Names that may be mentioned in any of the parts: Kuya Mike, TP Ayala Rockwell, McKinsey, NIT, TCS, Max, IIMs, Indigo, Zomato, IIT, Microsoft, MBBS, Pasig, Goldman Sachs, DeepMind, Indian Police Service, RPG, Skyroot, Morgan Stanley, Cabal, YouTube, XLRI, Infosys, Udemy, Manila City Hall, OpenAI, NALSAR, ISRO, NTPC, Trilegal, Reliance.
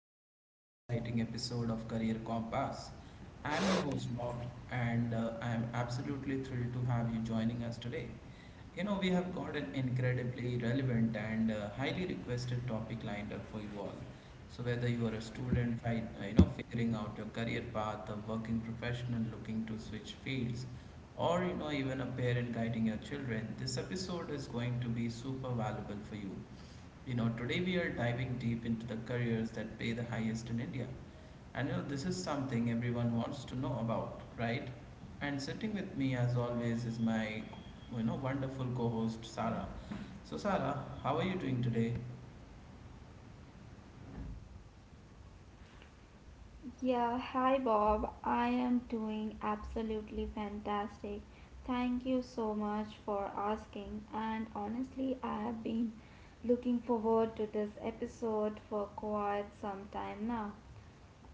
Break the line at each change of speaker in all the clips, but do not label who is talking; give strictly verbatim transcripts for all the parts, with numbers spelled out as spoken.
back to another exciting episode of Career Compass. I'm your host, Bob, and uh, I'm absolutely thrilled to have you joining us today. You know, we have got an incredibly relevant and uh, highly requested topic lined up for you all. So, whether you are a student, fight, uh, you know, figuring out your career path, a working professional looking to switch fields, or you know, even a parent guiding your children, this episode is going to be super valuable for you. You know, today we are diving deep into the careers that pay the highest in India. And you know, this is something everyone wants to know about, right? And sitting with me as always is my you know wonderful co-host Sarah. So Sarah, how are you doing today?
Yeah, hi Bob. I am doing absolutely fantastic. Thank you so much for asking. And honestly, I have been looking forward to this episode for quite some time now.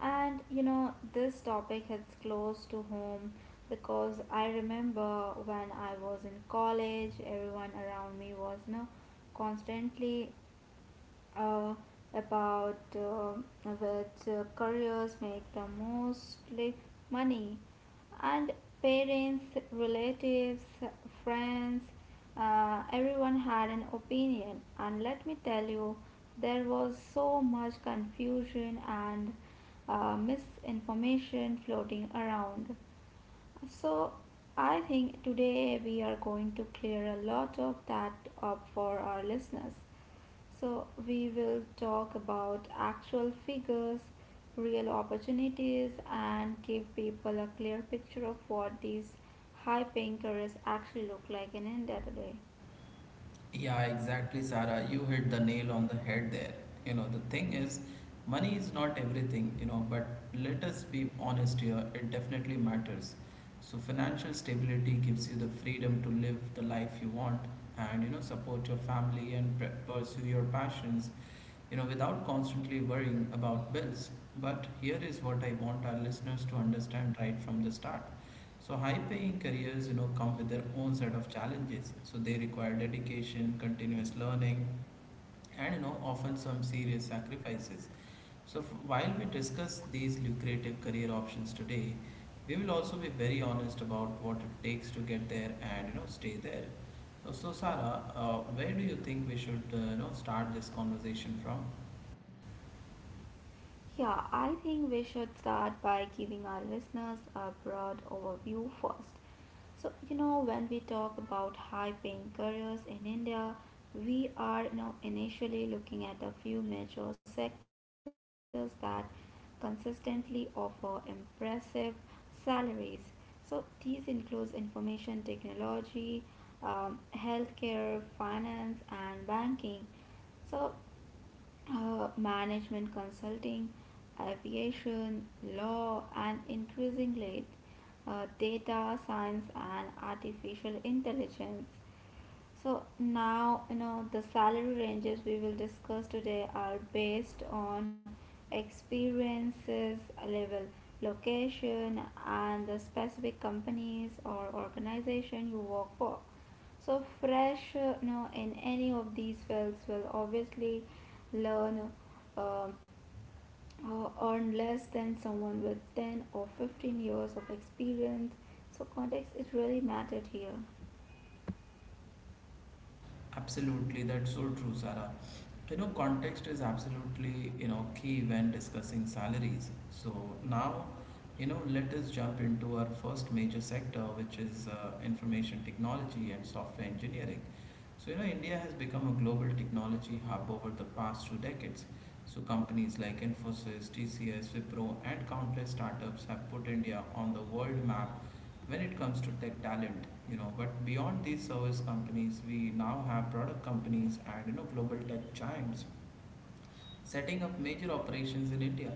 And you know, this topic hits close to home because I remember when I was in college, everyone around me was you know, constantly uh, about uh, which uh, careers make the mostly money and parents relatives friends uh, everyone had an opinion, and let me tell you there was so much confusion and uh, misinformation floating around. So I think today we are going to clear a lot of that up for our listeners. So, we will talk about actual figures, real opportunities, and give people a clear picture of what these high paying careers actually look like in India today.
Yeah, exactly, Sarah. You hit the nail on the head there. You know, the thing is, money is not everything, you know, but let us be honest here, it definitely matters. So, financial stability gives you the freedom to live the life you want and, you know, support your family and pre- pursue your passions, you know, without constantly worrying about bills. But here is what I want our listeners to understand right from the start. So high paying careers, you know, come with their own set of challenges. So they require dedication, continuous learning, and you know, often some serious sacrifices. So f- while we discuss these lucrative career options today, we will also be very honest about what it takes to get there and you know, stay there. Uh, So Sarah, uh, where do you think we should uh, you know start this conversation from?
Yeah, I think we should start by giving our listeners a broad overview first. So, you know, when we talk about high paying careers in India, we are you know, initially looking at a few major sectors that consistently offer impressive salaries. So, these includes information technology, um, healthcare, finance, and banking. So uh, management consulting, aviation, law, and increasingly uh, data science and artificial intelligence. So now you know the salary ranges we will discuss today are based on experiences level, location, and the specific companies or organization you work for. So fresh uh, you know, in any of these fields will obviously learn uh, uh, earn less than someone with ten or fifteen years of experience. So context it really mattered here.
Absolutely, that's so true, Sarah. You know, context is absolutely, you know, key when discussing salaries. So now, you know, let us jump into our first major sector, which is uh, information technology and software engineering. So, you know, India has become a global technology hub over the past two decades. So, companies like Infosys, T C S, Wipro, and countless startups have put India on the world map when it comes to tech talent you know but beyond these service companies, we now have product companies, and you know global tech giants setting up major operations in India.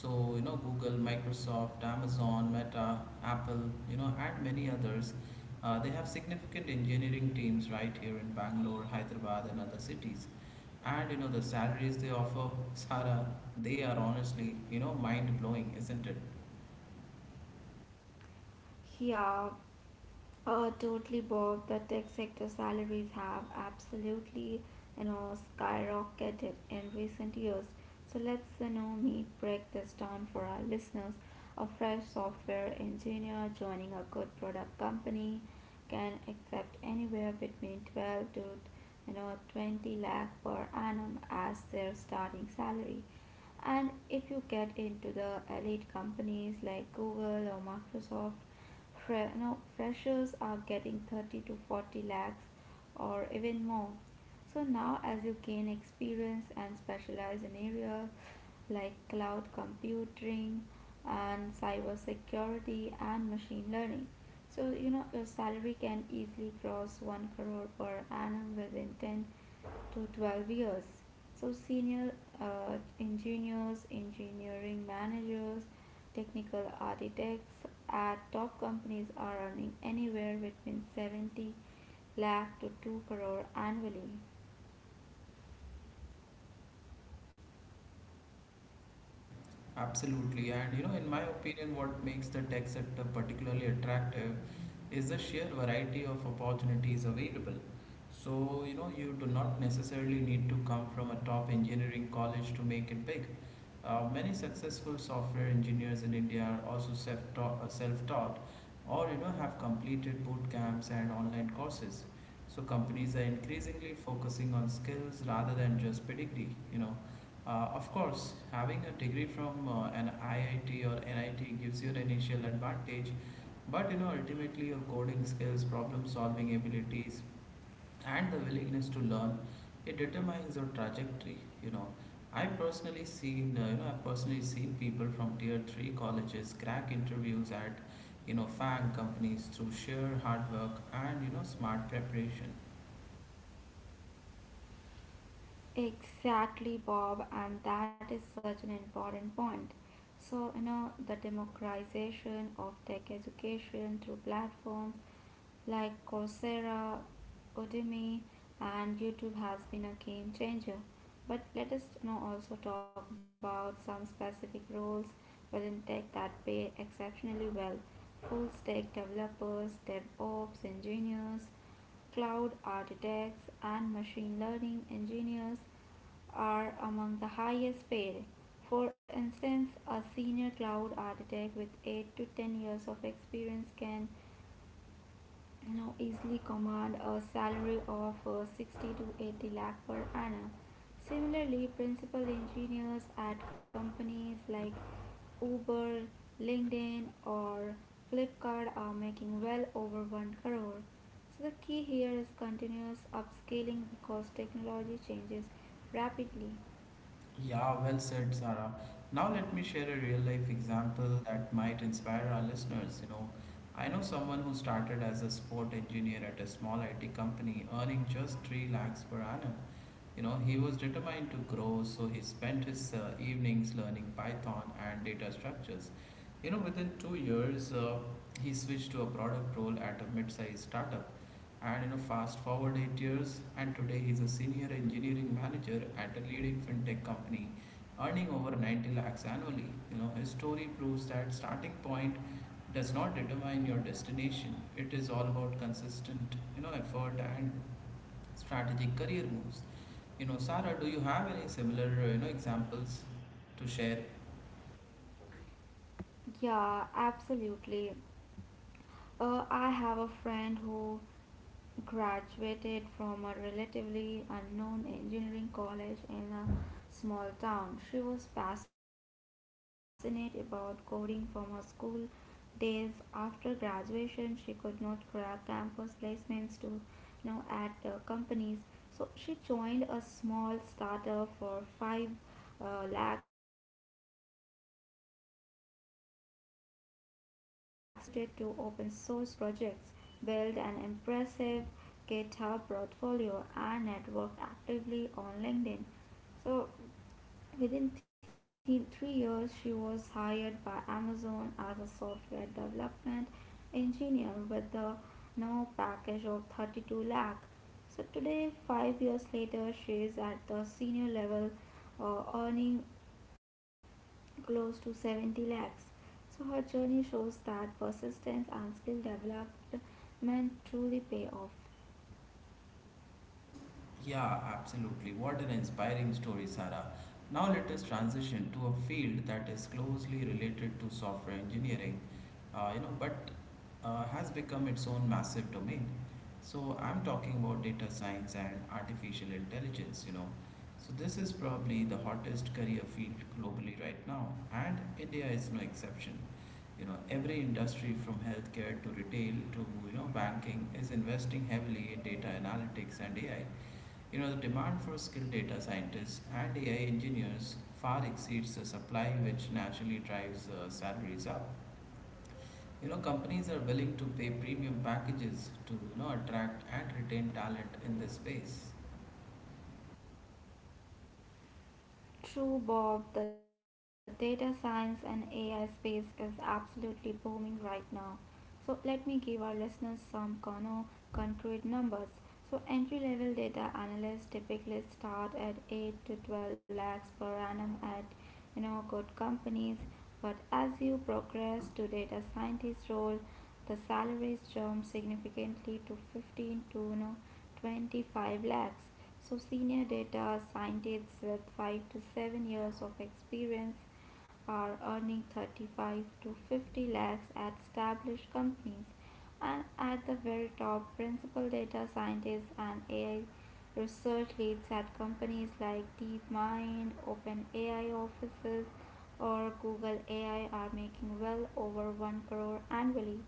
So you know google Microsoft, Amazon, Meta, Apple, you know and many others. Uh, they have significant engineering teams right here in Bangalore, Hyderabad, and other cities. And you know the salaries they offer, Sara, they are honestly, you know mind blowing, isn't it?
Yeah, Uh, totally, Bob. The tech sector salaries have absolutely, you know, skyrocketed in recent years. So let's, you know, me break this down for our listeners. A fresh software engineer joining a good product company can accept anywhere between twelve to, you know, twenty lakh per annum as their starting salary. And if you get into the elite companies like Google or Microsoft, Fre- no, freshers are getting thirty to forty lakhs or even more. So now, as you gain experience and specialize in areas like cloud computing and cybersecurity and machine learning, so, you know, your salary can easily cross one crore per annum within ten to twelve years. So, senior uh, engineers, engineering managers, technical architects at top companies are earning anywhere between seventy lakh to two crore annually.
Absolutely. And you know, in my opinion, what makes the tech sector particularly attractive is the sheer variety of opportunities available. So, you know, you do not necessarily need to come from a top engineering college to make it big. Uh, many successful software engineers in India are also self-taught, self-taught, or you know, have completed boot camps and online courses. So companies are increasingly focusing on skills rather than just pedigree, you know. Uh, of course, having a degree from uh, an I I T or N I T gives you an initial advantage, but you know ultimately your coding skills, problem solving abilities, and the willingness to learn, it determines your trajectory. You know, I personally seen uh, you know I've personally seen people from tier three colleges crack interviews at you know FANG companies through sheer hard work and you know smart preparation.
Exactly, Bob, and that is such an important point. So, you know, the democratization of tech education through platforms like Coursera, Udemy, and YouTube has been a game changer. But let us you know, also talk about some specific roles within tech that pay exceptionally well. Full stack developers, DevOps engineers, cloud architects, and machine learning engineers are among the highest paid. For instance, a senior cloud architect with eight to ten years of experience can now easily command a salary of uh, sixty to eighty lakh per annum. Similarly, principal engineers at companies like Uber, LinkedIn, or Flipkart are making well over one crore. So, the key here is continuous upscaling because technology changes rapidly.
Yeah, well said, Sarah. Now let me share a real life example that might inspire our listeners. You know, I know someone who started as a sport engineer at a small I T company, earning just 3 lakhs per annum. You know, he was determined to grow, so he spent his uh, evenings learning Python and data structures. You know, within two years, uh, he switched to a product role at a mid-sized startup. And you know, fast forward eight years, and today he's a senior engineering manager at a leading fintech company, earning over ninety lakhs annually. You know, his story proves that starting point does not determine your destination. It is all about consistent, you know, effort and strategic career moves. You know, Sarah, do you have any similar, uh, you know, examples to share?
Yeah, absolutely. Uh, I have a friend who graduated from a relatively unknown engineering college in a small town. She was passionate about coding from her school days. After graduation, she could not grab campus placements to now at uh, companies. So she joined a small startup for five uh, lakhs per annum, but she never stopped learning. She contributed to open source projects, built an impressive GitHub portfolio, and networked actively on LinkedIn. So Within th- three years, she was hired by Amazon as a software development engineer with a no package of thirty-two lakh. So today, five years later, she is at the senior level, uh, earning close to seventy lakhs. So her journey shows that persistence and skill development truly pay off.
Yeah, absolutely. What an inspiring story, Sarah. Now let us transition to a field that is closely related to software engineering, uh, you know, but uh, has become its own massive domain. So I'm talking about data science and artificial intelligence, you know. So this is probably the hottest career field globally right now, and India is no exception. You know, every industry from healthcare to retail to, you know, banking is investing heavily in data analytics and A I. You know, the demand for skilled data scientists and A I engineers far exceeds the supply, which naturally drives uh, salaries up. You know, companies are willing to pay premium packages to, you know, attract and retain talent in this space.
True, Bob, the data science and A I space is absolutely booming right now. So, let me give our listeners some cono- concrete numbers. So, entry level data analysts typically start at eight to twelve lakhs per annum at you know good companies, but as you progress to data scientist role, the salaries jump significantly to fifteen to you know twenty-five lakhs. So, senior data scientists with five to seven years of experience are earning thirty-five to fifty lakhs at established companies. And at the very top, principal data scientists and A I research leads at companies like DeepMind, OpenAI offices, or Google A I are making well over one crore annually.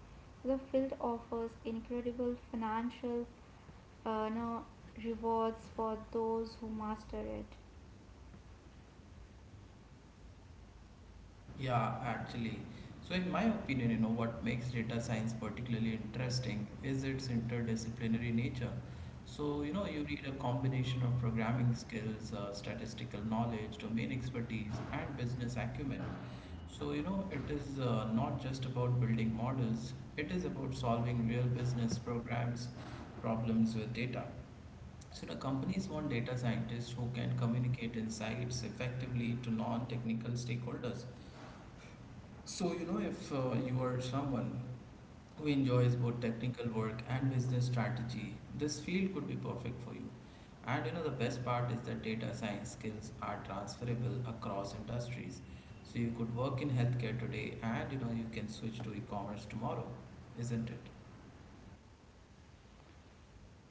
The field offers incredible financial uh, no rewards for those who master it.
Yeah, actually. So, in my opinion, you know, what makes data science particularly interesting is its interdisciplinary nature. So, you know, you need a combination of programming skills, uh, statistical knowledge, domain expertise, and business acumen. So, you know, it is uh, not just about building models, it is about solving real business programs problems with data. So, the companies want data scientists who can communicate insights effectively to non technical stakeholders. So, you know, if uh, you are someone who enjoys both technical work and business strategy, this field could be perfect for you. And you know, the best part is that data science skills are transferable across industries. So you could work in healthcare today and you know, you can switch to e commerce tomorrow, isn't it?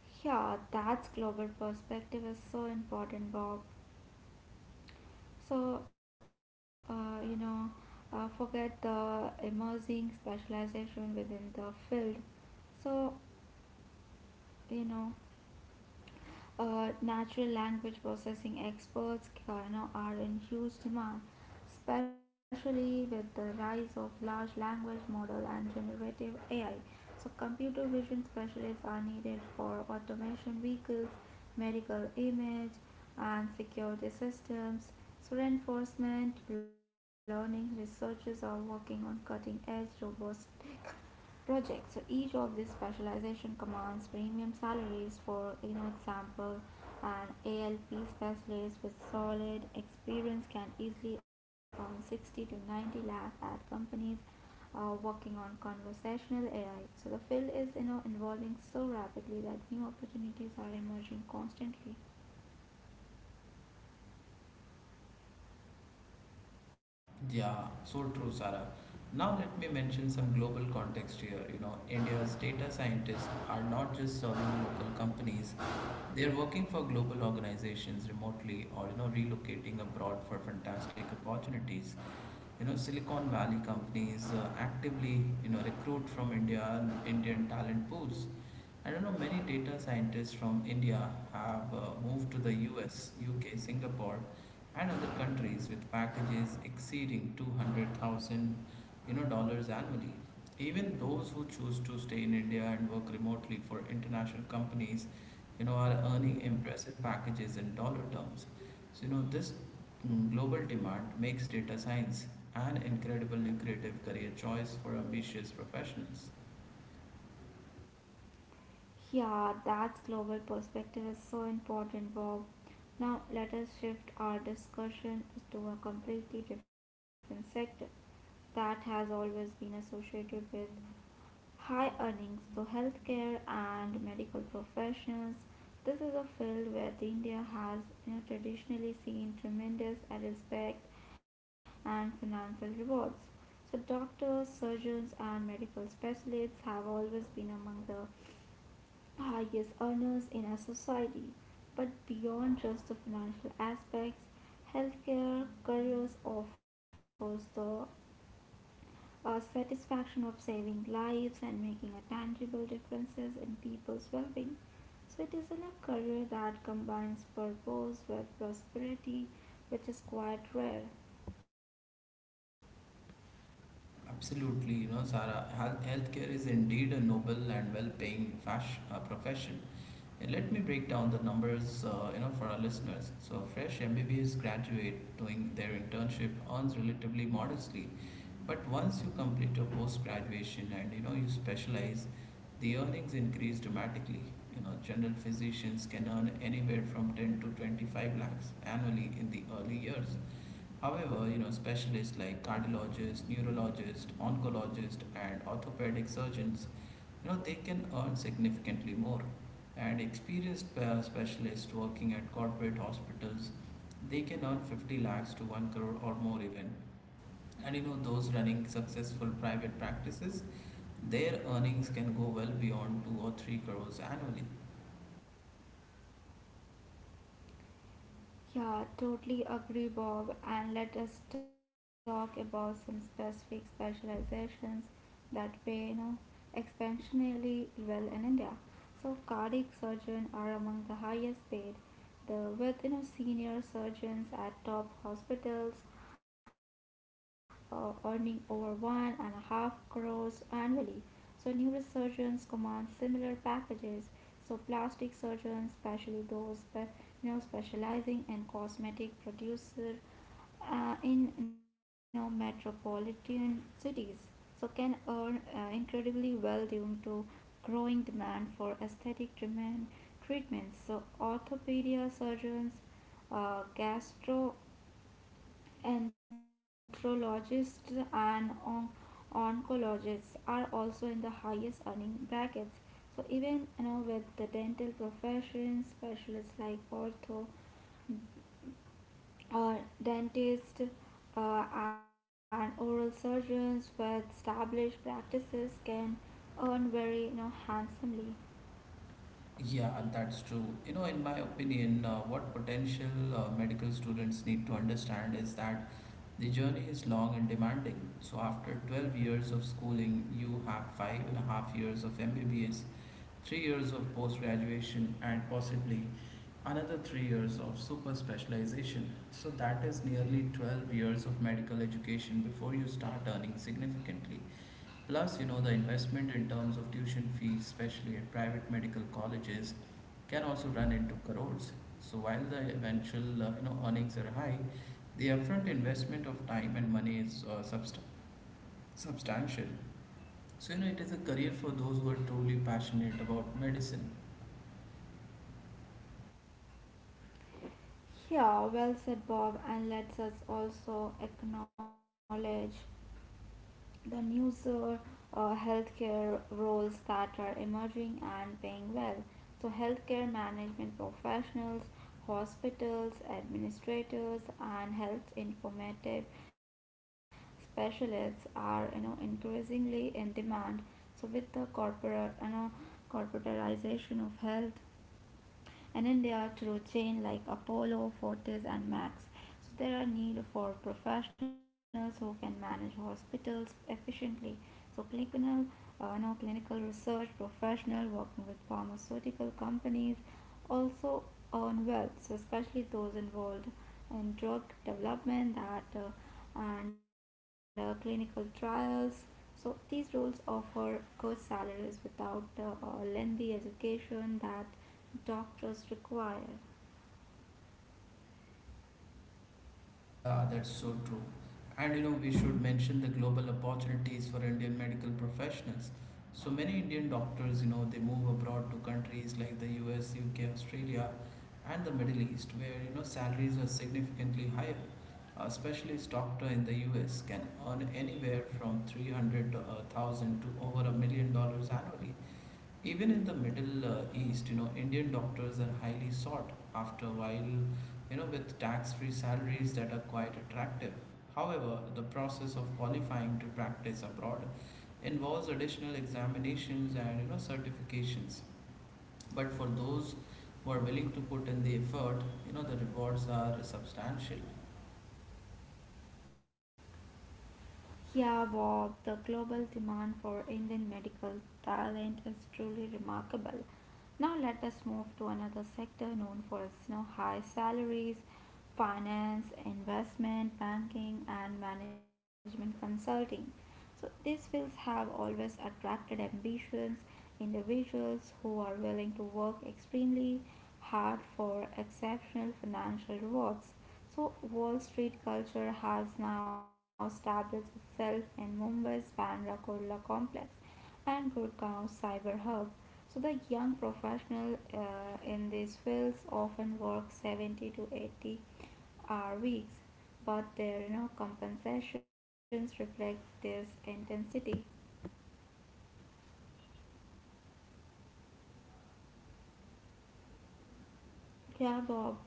Yeah, that's global perspective is so important, Bob. So uh, you know, uh, forget the emerging specialization within the field. So you know. Uh, natural language processing experts uh, you know, are in huge demand, especially with the rise of large language model and generative A I. So, computer vision specialists are needed for automation vehicles, medical image, and security systems. So, reinforcement learning researchers are working on cutting edge robotics projects. So each of these specialization commands premium salaries. For you know example, an A L P specialist with solid experience can easily earn sixty to ninety lakh at companies uh, working on conversational A I. So the field is you know evolving so rapidly that new opportunities are emerging constantly.
Yeah, so true, Sarah. Now let me mention some global context here. You know, India's data scientists are not just serving local companies; they are working for global organizations remotely, or you know, relocating abroad for fantastic opportunities. You know, Silicon Valley companies uh, actively you know recruit from India and Indian talent pools. I don't know, many data scientists from India have uh, moved to the U S, U K, Singapore, and other countries with packages exceeding two hundred thousand you know dollars annually. Even those who choose to stay in India and work remotely for international companies you know are earning impressive packages in dollar terms. So you know this mm, global demand makes data science an incredibly lucrative career choice for ambitious professionals.
Yeah, that's global perspective is so important, Bob. Now, let us shift our discussion to a completely different sector that has always been associated with high earnings, so healthcare and medical professionals. This is a field where the India has you know, traditionally seen tremendous respect and financial rewards. So, doctors, surgeons, and medical specialists have always been among the highest earners in our society. But beyond just the financial aspects, healthcare careers offers the uh, satisfaction of saving lives and making a tangible differences in people's well-being. So it is in a career that combines purpose with prosperity, which is quite rare.
Absolutely, you know, Sarah, health, healthcare is indeed a noble and well-paying fash, uh, profession. And let me break down the numbers, uh, you know, for our listeners. So, a fresh M B B S graduate doing their internship earns relatively modestly, but once you complete your post-graduation and you know you specialize, the earnings increase dramatically. You know, general physicians can earn anywhere from ten to twenty-five lakhs annually in the early years. However, you know, specialists like cardiologists, neurologists, oncologists, and orthopedic surgeons, you know, they can earn significantly more. And experienced uh, specialists working at corporate hospitals, they can earn fifty lakhs to one crore or more even. And you know, those running successful private practices, their earnings can go well beyond two or three crores annually.
Yeah, totally agree, Bob. And let us talk about some specific specializations that pay you know, exceptionally well in India. So, cardiac surgeons are among the highest paid, the with you know senior surgeons at top hospitals uh, earning over one and a half crores annually. So, neurosurgeons command similar packages. So plastic surgeons, especially those spe- you know specializing in cosmetic producer uh, in you know metropolitan cities, so can earn uh, incredibly well due to growing demand for aesthetic treatment treatments. So orthopedia surgeons, uh, gastro Anthrologists and on- oncologists are also in the highest earning brackets. So even you know with the dental profession, specialists like ortho, uh, dentists, uh, and oral surgeons with established practices can earn very you know handsomely.
Yeah, that's true. You know, in my opinion, uh, what potential uh, medical students need to understand is that the journey is long and demanding, so after twelve years of schooling, you have five and a half years of M B B S, three years of post graduation, and possibly another three years of super specialization. So, that is nearly twelve years of medical education before you start earning significantly. Plus, you know, the investment in terms of tuition fees, especially at private medical colleges, can also run into crores. So while the eventual, uh, you know, earnings are high, the upfront investment of time and money is uh, subst- substantial. So, you know, it is a career for those who are truly passionate about medicine.
Yeah, well said, Bob, and let's us also acknowledge the news uh, uh, healthcare roles that are emerging and paying well. So, healthcare management professionals, hospitals, administrators, and health informative specialists are you know increasingly in demand. So, with the corporate you know corporatization of health and in they through chain like Apollo, Fortis and Max. So there are need for professionals who can manage hospitals efficiently. So clinical, uh, no, clinical research professional working with pharmaceutical companies also earn wealth, so especially those involved in drug development that uh, and uh, clinical trials. So these roles offer good salaries without the uh, lengthy education that doctors require.
Yeah, that's so true. And you know, we should mention the global opportunities for Indian medical professionals. So many Indian doctors, you know, they move abroad to countries like the U S, U K, Australia, and the Middle East, where, you know, salaries are significantly higher. A specialist doctor in the U S can earn anywhere from three hundred thousand to over a million dollars annually. Even in the Middle uh, East, you know, Indian doctors are highly sought after while, you know, with tax-free salaries that are quite attractive. However, the process of qualifying to practice abroad involves additional examinations and, you know, certifications. But for those who are willing to put in the effort, you know, the rewards are substantial.
Yeah, Bob, the global demand for Indian medical talent is truly remarkable. Now let us move to another sector known for its you know, high salaries, finance, investment, banking, and management consulting. So these fields have always attracted ambitious individuals who are willing to work extremely hard for exceptional financial rewards. So Wall Street culture has now established itself in Mumbai's Bandra Kurla complex and Gurgaon cyber hub. So the young professional uh, in these fields often work seventy to eighty hour weeks, but their you know compensations reflect this intensity. Yeah, Bob.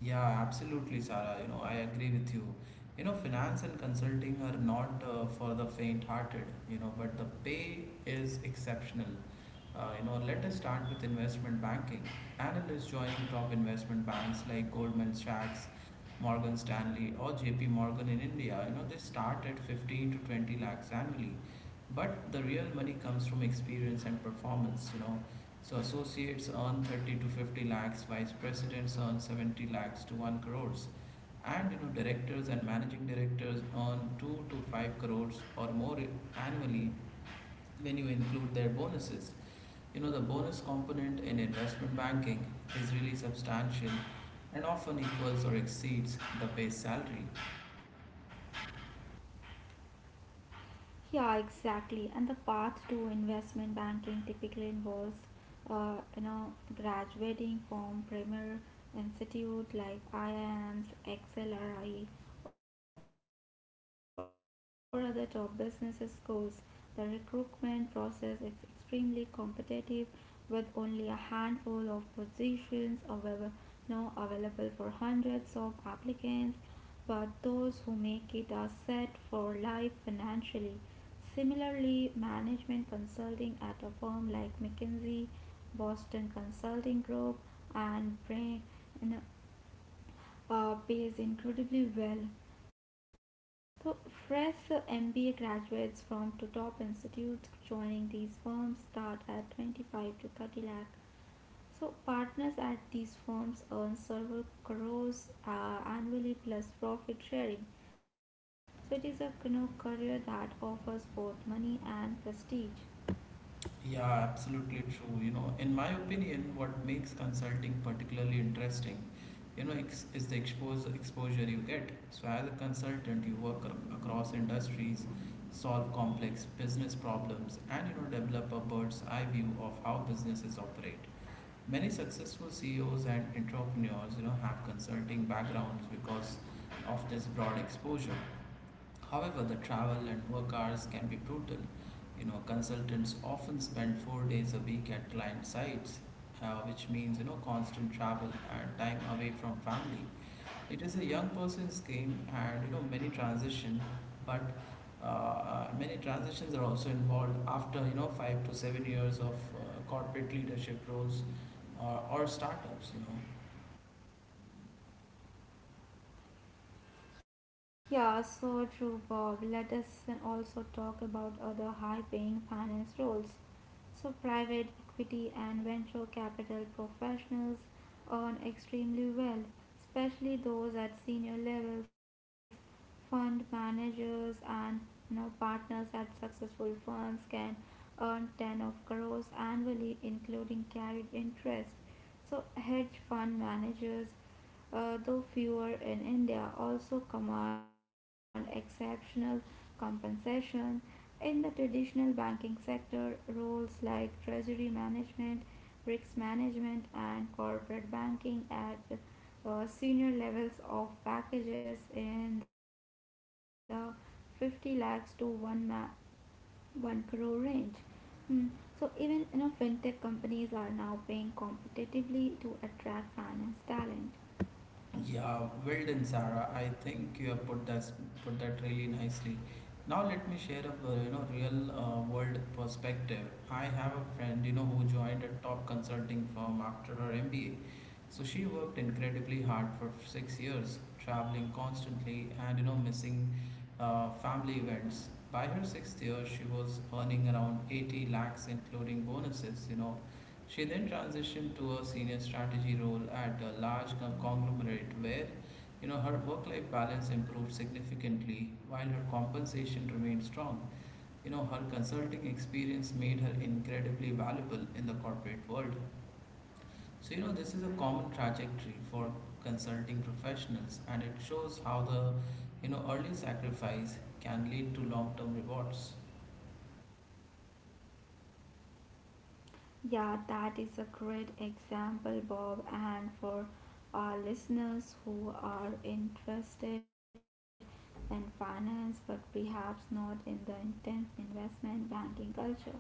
Yeah, absolutely, Sarah. You know, I agree with you. You know, finance and consulting are not uh, for the faint-hearted, you know, but the pay is exceptional. Uh, you know, let us start with investment banking. Analysts join top investment banks like Goldman Sachs, Morgan Stanley, or J P Morgan in India. You know, they start at fifteen to twenty lakhs annually. But the real money comes from experience and performance, you know. So associates earn thirty to fifty lakhs, vice presidents earn seventy lakhs to one crores, and you know directors and managing directors earn two to five crores or more annually when you include their bonuses. You know the bonus component in investment banking is really substantial and often equals or exceeds the base salary.
Yeah, exactly. And the path to investment banking typically involves, uh, you know, graduating from premier institute like I I Ms, X L R I, or other top business schools. The recruitment process is extremely competitive, with only a handful of positions available, no, available for hundreds of applicants. But those who make it are set for life financially. Similarly, management consulting at a firm like McKinsey, Boston Consulting Group, and Brain uh, pays incredibly well. So, fresh M B A graduates from to top institutes joining these firms start at twenty-five to thirty lakh. So partners at these firms earn several crores uh, annually plus profit sharing. So it is a you know, career that offers both money and prestige.
Yeah, absolutely true. You know, in my opinion, what makes consulting particularly interesting, you know, ex- is the expose exposure you get. So, as a consultant, you work ac- across industries, solve complex business problems, and you know, develop a bird's eye view of how businesses operate. Many successful C E Os and entrepreneurs, you know, have consulting backgrounds because of this broad exposure. However, the travel and work hours can be brutal. You know, consultants often spend four days a week at client sites, uh, which means, you know, constant travel and time away from family. It is a young person's game, and you know, many transition, but uh, uh, many transitions are also involved after you know five to seven years of uh, corporate leadership roles uh, or startups. You know,
Yeah, so true, Bob. Let us also talk about other high-paying finance roles. So, private equity and venture capital professionals earn extremely well, especially those at senior levels, fund managers and you know partners at successful firms can earn ten of crores annually, including carried interest. So hedge fund managers, uh, though fewer in India, also command exceptional compensation. In the traditional banking sector, roles like treasury management, risk management, and corporate banking at uh, senior levels of packages in the fifty lakhs to one, ma- one crore range. Hmm. So even you know fintech companies are now paying competitively to attract finance talent.
Yeah, well done, Sarah. I think you have put that put that really nicely. Now let me share a uh, you know real uh, world perspective. I have a friend you know who joined a top consulting firm after her M B A. So she worked incredibly hard for six years, traveling constantly and you know missing uh, family events. By her sixth year, she was earning around eighty lakhs, including bonuses. You know, she then transitioned to a senior strategy role at a large co- conglomerate where you know her work-life balance improved significantly while her compensation remained strong. You know her consulting experience made her incredibly valuable in the corporate world. So you know this is a common trajectory for consulting professionals, and it shows how the you know early sacrifice can lead to long-term rewards.
Yeah, that is a great example, Bob. And for our listeners who are interested in finance but perhaps not in the intense investment banking culture,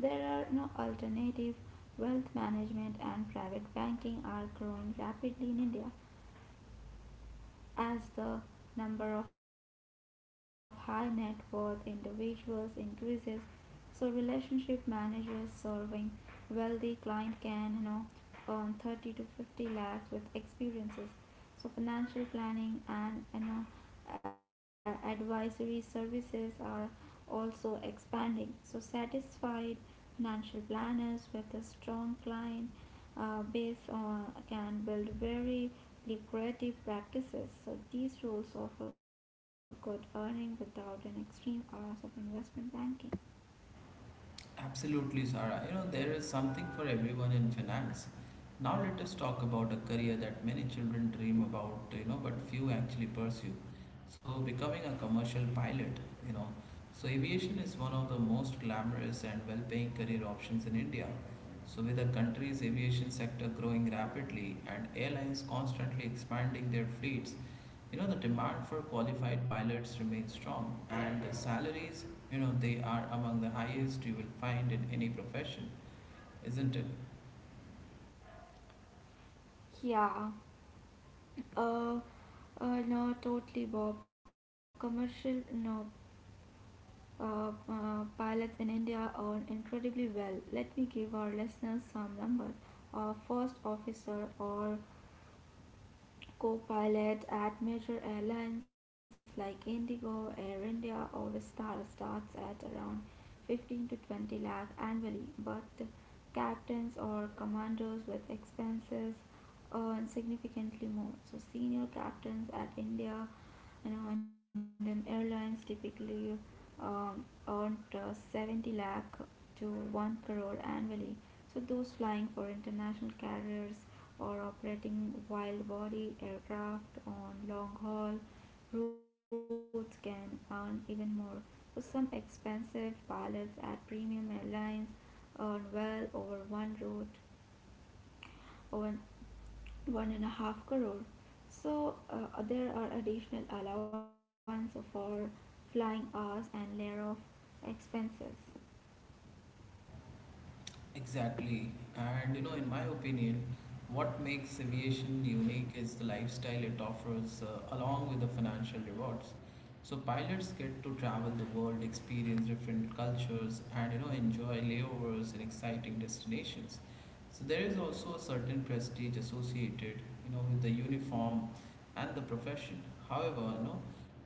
there are no alternative. Wealth management and private banking are growing rapidly in India. As the number of high net worth individuals increases, so relationship managers serving wealthy client can you know earn thirty to fifty lakhs with experiences. So financial planning and you know a- advisory services are also expanding. So satisfied financial planners with a strong client uh, based on can build very lucrative practices. So these rules offer good earning without an extreme hours of investment banking.
Absolutely, Sarah. You know, there is something for everyone in finance. Now, let us talk about a career that many children dream about, you know, but few actually pursue. So, becoming a commercial pilot, you know. So, aviation is one of the most glamorous and well paying career options in India. So, with the country's aviation sector growing rapidly and airlines constantly expanding their fleets, you know the demand for qualified pilots remains strong, and the salaries you know they are among the highest you will find in any profession, isn't it?
Yeah. Uh, uh, no, totally, Bob. Commercial no. Uh, uh, pilots in India earn incredibly well. Let me give our listeners some numbers. A first officer or co-pilot at major airlines like Indigo Air India or Star starts at around fifteen to twenty lakh annually, but captains or commanders with expenses earn significantly more. So senior captains at India, you know, and then airlines typically um, earned uh, seventy lakh to one crore annually. So those flying for international carriers or operating wide body aircraft on long haul routes can earn even more. So some expensive pilots at premium airlines earn well over one route one one and a half crore. So uh, there are additional allowance for flying hours and layer of expenses.
Exactly. And you know, in my opinion, what makes aviation unique is the lifestyle it offers uh, along with the financial rewards. So pilots get to travel the world, experience different cultures, and you know, enjoy layovers in exciting destinations. So there is also a certain prestige associated, you know, with the uniform and the profession. However, you know,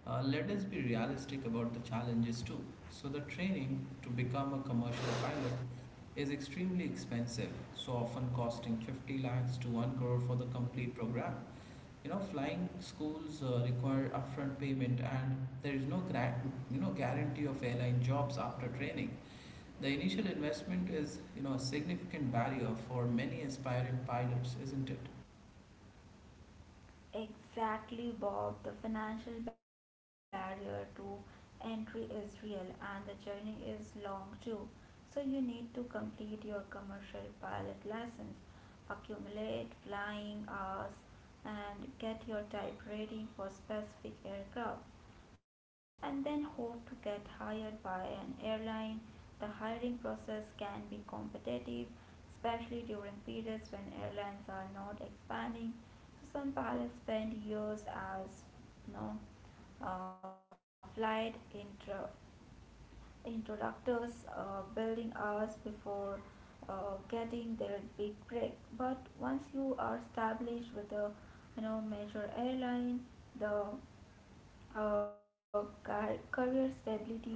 uh, let us be realistic about the challenges too. So the training to become a commercial pilot is extremely expensive, so often costing fifty lakhs to one crore for the complete program. You know, flying schools uh, require upfront payment, and there is no gra- you know guarantee of airline jobs after training. The initial investment is, you know, a significant barrier for many aspiring pilots, isn't it?
Exactly, Bob. The financial barrier to entry is real, and the journey is long too. So, you need to complete your commercial pilot license, accumulate flying hours, and get your type rating for specific aircraft, and then hope to get hired by an airline. The hiring process can be competitive, especially during periods when airlines are not expanding. So some pilots spend years as, you know, uh, flight intro- introductors, uh, building hours before uh, getting their big break. But once you are established with a you know major airline, the uh, car- career stability and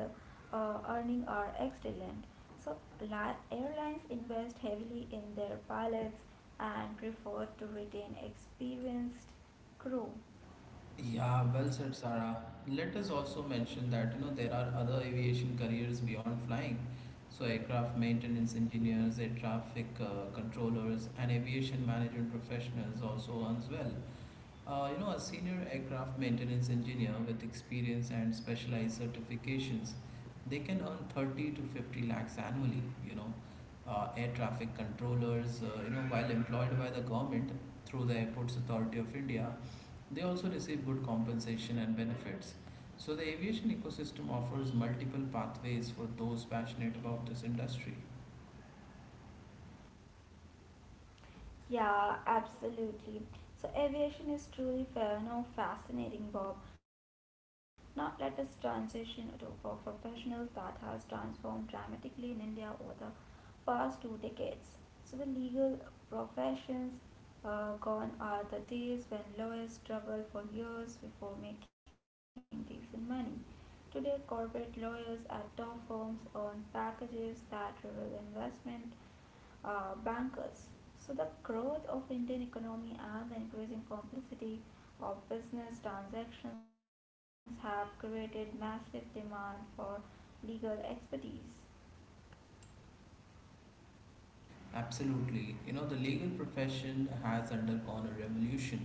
uh, earning are excellent. So, li- airlines invest heavily in their pilots and prefer to retain experienced crew.
Yeah, well said, Sarah. Let us also mention that you know there are other aviation careers beyond flying, so aircraft maintenance engineers, air traffic uh, controllers, and aviation management professionals also earns well. Uh, you know, a senior aircraft maintenance engineer with experience and specialized certifications, they can earn thirty to fifty lakhs annually. You know, uh, air traffic controllers, uh, you know, while employed by the government through the Airports Authority of India, they also receive good compensation and benefits. So, the aviation ecosystem offers multiple pathways for those passionate about this industry.
Yeah, absolutely. So aviation is truly fair, no, fascinating, Bob. Now let us transition to a professional that has transformed dramatically in India over the past two decades. So the legal professions, uh, gone are the days when lawyers struggled for years before making decent money. Today, corporate lawyers at top firms earn packages that reveal investment uh, bankers. So, the growth of Indian economy and the increasing complexity of business transactions have created massive demand for legal expertise.
Absolutely. You know, the legal profession has undergone a revolution.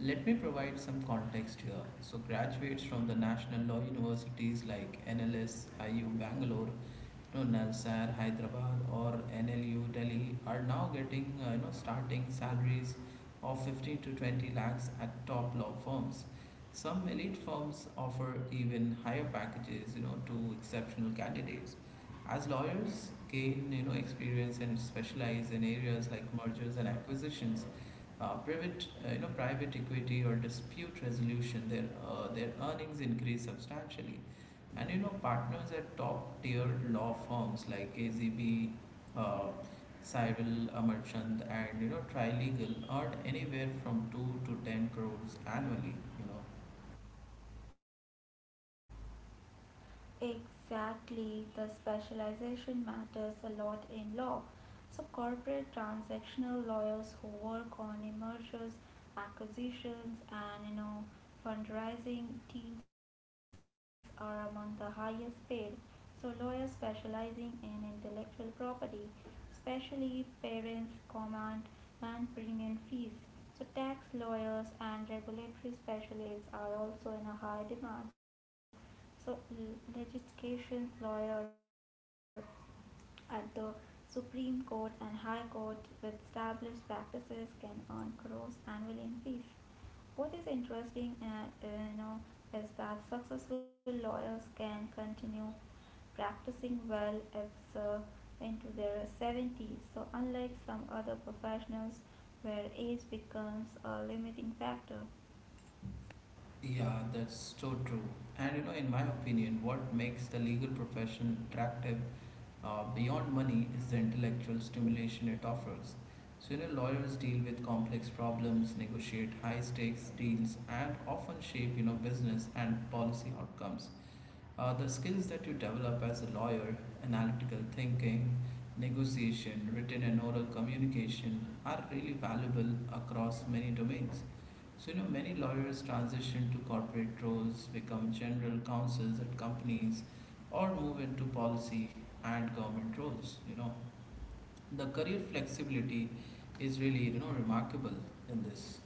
Let me provide some context here. So, graduates from the national law universities like N L S, I U Bangalore, you know, NALSAR Hyderabad, or N L U Delhi are now getting, uh, you know, starting salaries of fifteen to twenty lakhs at top law firms. Some elite firms offer even higher packages, you know, to exceptional candidates. As lawyers gain, you know, experience and specialize in areas like mergers and acquisitions, uh, private, uh, you know, private equity or dispute resolution, their uh, their earnings increase substantially, and you know, partners at top tier law firms like A Z B, uh, Cyril Amarchand, and you know, Trilegal earn anywhere from two to ten crores annually. You know,
Exactly, the specialization matters a lot in law. So, corporate transactional lawyers who work on mergers, acquisitions, and you know, fundraising deals are among the highest paid. So, lawyers specializing in intellectual property, especially parents, command, and premium fees. So, tax lawyers and regulatory specialists are also in a high demand. So, l- legislation lawyer at the Supreme Court and High Court with established practices can earn crores annually in fees. What is interesting, uh, uh, you know, is that successful lawyers can continue practicing well as, uh, into their seventies. So, unlike some other professionals where age becomes a limiting factor.
Yeah, that's so true. And you know, in my opinion, what makes the legal profession attractive uh, beyond money is the intellectual stimulation it offers. So, you know, lawyers deal with complex problems, negotiate high stakes deals, and often shape, you know, business and policy outcomes. Uh, the skills that you develop as a lawyer, analytical thinking, negotiation, written and oral communication, are really valuable across many domains. So, you know, many lawyers transition to corporate roles, become general counsels at companies, or move into policy and government roles. You know, the career flexibility is really, you know, remarkable in this.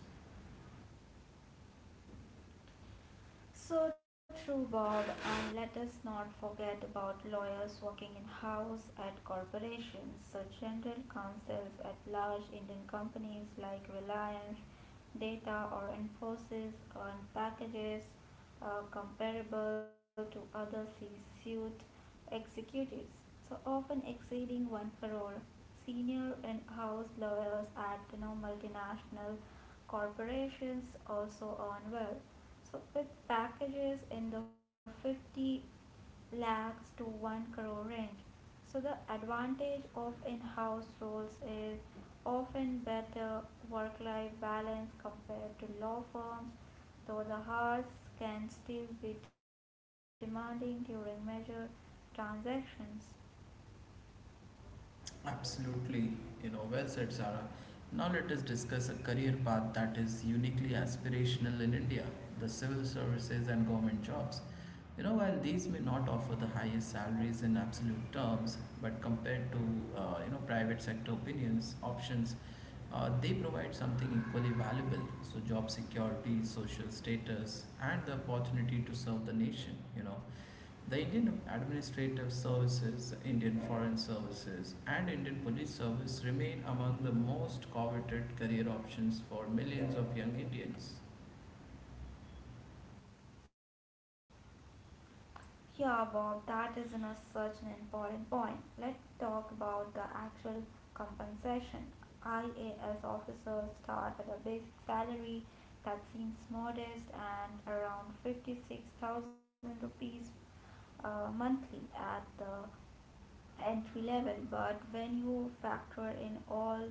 So true, Bob, and let us not forget about lawyers working in house at corporations. So, general counsels at large Indian companies like Reliance, Data, or Infosys earn packages uh, comparable to other C suite executives, so often exceeding one crore. Senior and house lawyers at you know, multinational corporations also earn well, so with packages in the fifty lakhs to one crore range. So the advantage of in-house roles is often better work-life balance compared to law firms, though the hours can still be demanding during major transactions.
Absolutely, you know, well said, Sarah. Now let us discuss a career path that is uniquely aspirational in India: the civil services and government jobs. You know, while these may not offer the highest salaries in absolute terms, but compared to, uh, you know, private sector opinions, options, uh, they provide something equally valuable. So, job security, social status, and the opportunity to serve the nation, you know. The Indian Administrative Services, Indian Foreign Services, and Indian Police Service remain among the most coveted career options for millions of young Indians.
Yeah, Bob, that isn't a, such an important point. Let's talk about the actual compensation. I A S officers start at a basic salary that seems modest and around fifty-six thousand rupees uh, monthly at the entry level, but when you factor in all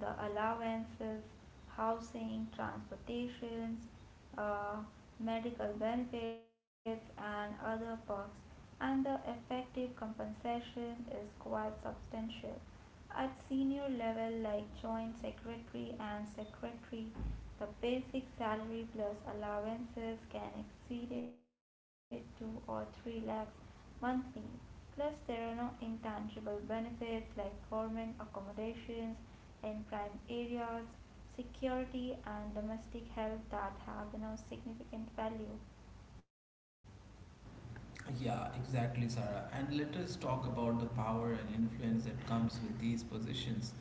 the allowances, housing, transportations, uh, medical benefits, and other perks, and the effective compensation is quite substantial. At senior level, like joint secretary and secretary, the basic salary plus allowances can exceed it two or three lakhs monthly. Plus, there are no intangible benefits like government accommodations in prime areas, security, and domestic help that have no significant value.
Yeah, exactly, Sarah. And let us talk about the power and influence that comes with these positions.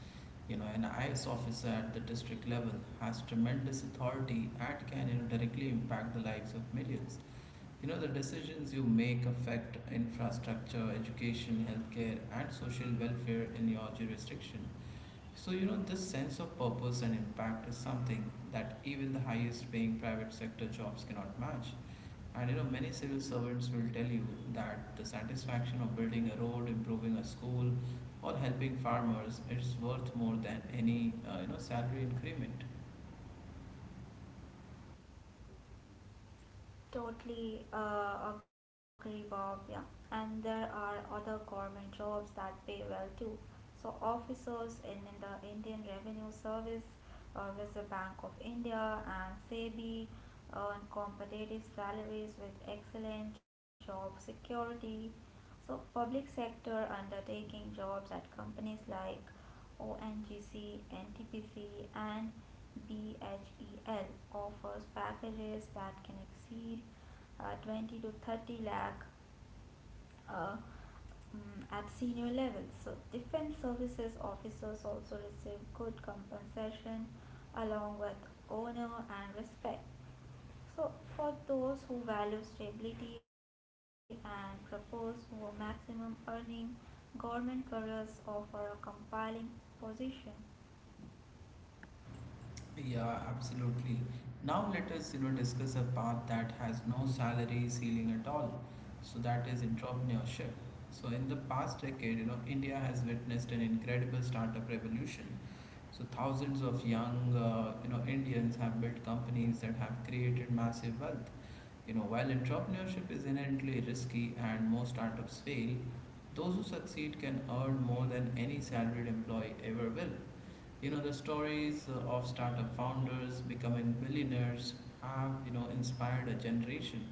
You know, an I S officer at the district level has tremendous authority and can you know, directly impact the lives of millions. You know, the decisions you make affect infrastructure, education, healthcare, and social welfare in your jurisdiction. So, you know, this sense of purpose and impact is something that even the highest paying private sector jobs cannot match. And you know, many civil servants will tell you that the satisfaction of building a road, improving a school, or helping farmers is worth more than any, uh, you know, salary increment.
Totally uh, agree, Bob. Yeah, and there are other government jobs that pay well too. So officers in, in the Indian Revenue Service, uh, Reserve Bank of India, and SEBI earn competitive salaries with excellent job security. So public sector undertaking jobs at companies like O N G C N T P C and BHEL offers packages that can exceed uh, twenty to thirty lakh uh, mm, at senior levels. So, defense services officers also receive good compensation along with honor and respect. So, for those who value stability and propose for maximum earning, government careers offer a compelling position.
Yeah, absolutely. Now let us, you know, discuss a path that has no salary ceiling at all. So that is entrepreneurship. So in the past decade, you know, India has witnessed an incredible startup revolution. So thousands of young, uh, you know, Indians have built companies that have created massive wealth. You know, while entrepreneurship is inherently risky and most startups fail, those who succeed can earn more than any salaried employee ever will. You know, the stories uh, of startup founders becoming billionaires have, you know, inspired a generation.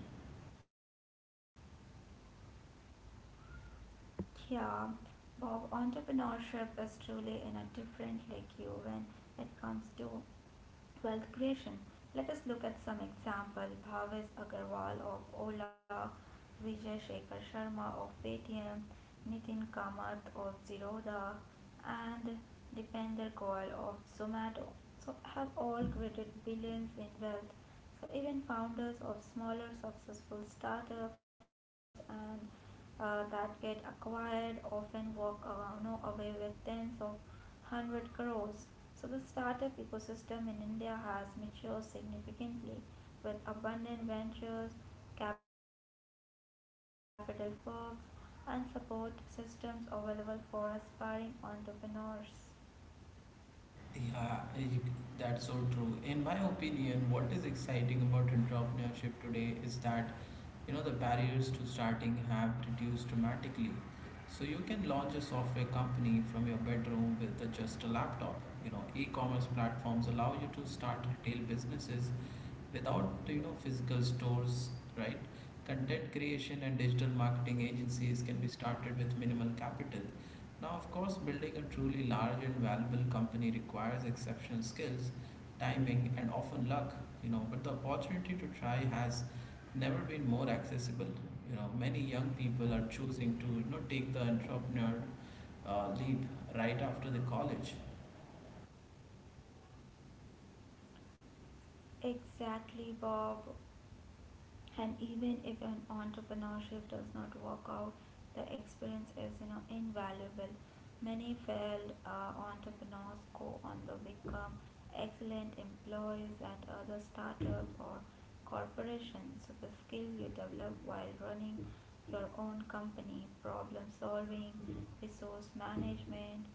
Yeah, Bob, entrepreneurship is truly in a different league when it comes to wealth creation. Let us look at some example. Bhavesh Agarwal of Ola, Vijay Shekhar Sharma of Paytm, Nitin Kamath of Zerodha, and Dipender Goyal of Zomato. So have all created billions in wealth. So even founders of smaller successful startups and uh, that get acquired often walk uh, you know, away with tens of one hundred crores. So the startup ecosystem in India has matured significantly with abundant ventures, capital funding, mentoring networks, and support systems available for aspiring entrepreneurs.
Yeah, you- that's so true. In my opinion, what is exciting about entrepreneurship today is that, you know, the barriers to starting have reduced dramatically. So you can launch a software company from your bedroom with uh, just a laptop. You know, e-commerce platforms allow you to start retail businesses without you know physical stores, right? Content creation and digital marketing agencies can be started with minimal capital. Now, of course, building a truly large and valuable company requires exceptional skills, timing, and often luck you know but the opportunity to try has never been more accessible you know many young people are choosing to you know take the entrepreneur uh, leap right after the college.
Exactly, Bob. And even if an entrepreneurship does not work out, the experience is you know invaluable. Many failed uh, entrepreneurs go on to become excellent employees at other startups or corporations. So the skill you develop while running your own company, problem solving, resource management,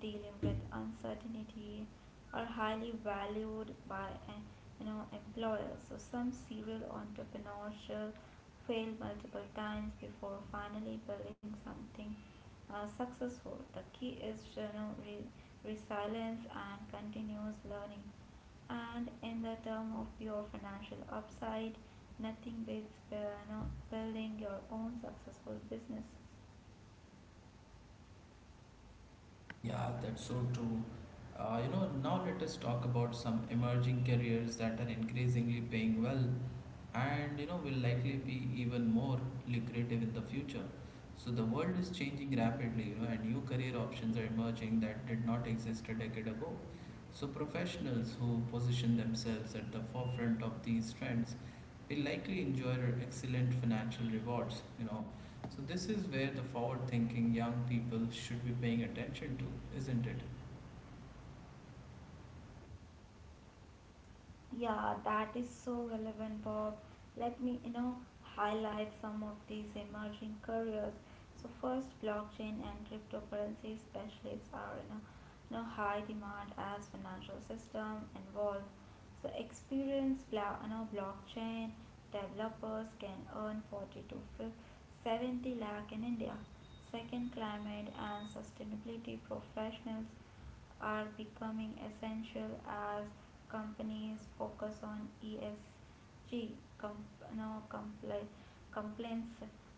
dealing with uncertainty are highly valued by eh, you know employers. So some serial entrepreneurs fail multiple times before finally building something uh, successful. The key is you know re- resilience and continuous learning. And in the term of pure financial upside, nothing beats, uh, you know, building your own successful businesses.
Yeah, that's so true. Uh, you know, now let us talk about some emerging careers that are increasingly paying well, and you know will likely be even more lucrative in the future. So the world is changing rapidly, you know, and new career options are emerging that did not exist a decade ago. So professionals who position themselves at the forefront of these trends will likely enjoy excellent financial rewards, you know, so, this is where the forward thinking young people should be paying attention to, isn't it?
Yeah, that is so relevant, Bob. Let me, you know, highlight some of these emerging careers. So first, blockchain and cryptocurrency specialists are in a, you know, high demand as financial system evolve. So experienced, bla- you know, blockchain developers can earn forty to fif- seventy lakh in India. Second, climate and sustainability professionals are becoming essential as companies focus on E S G com- no, compli- compliance.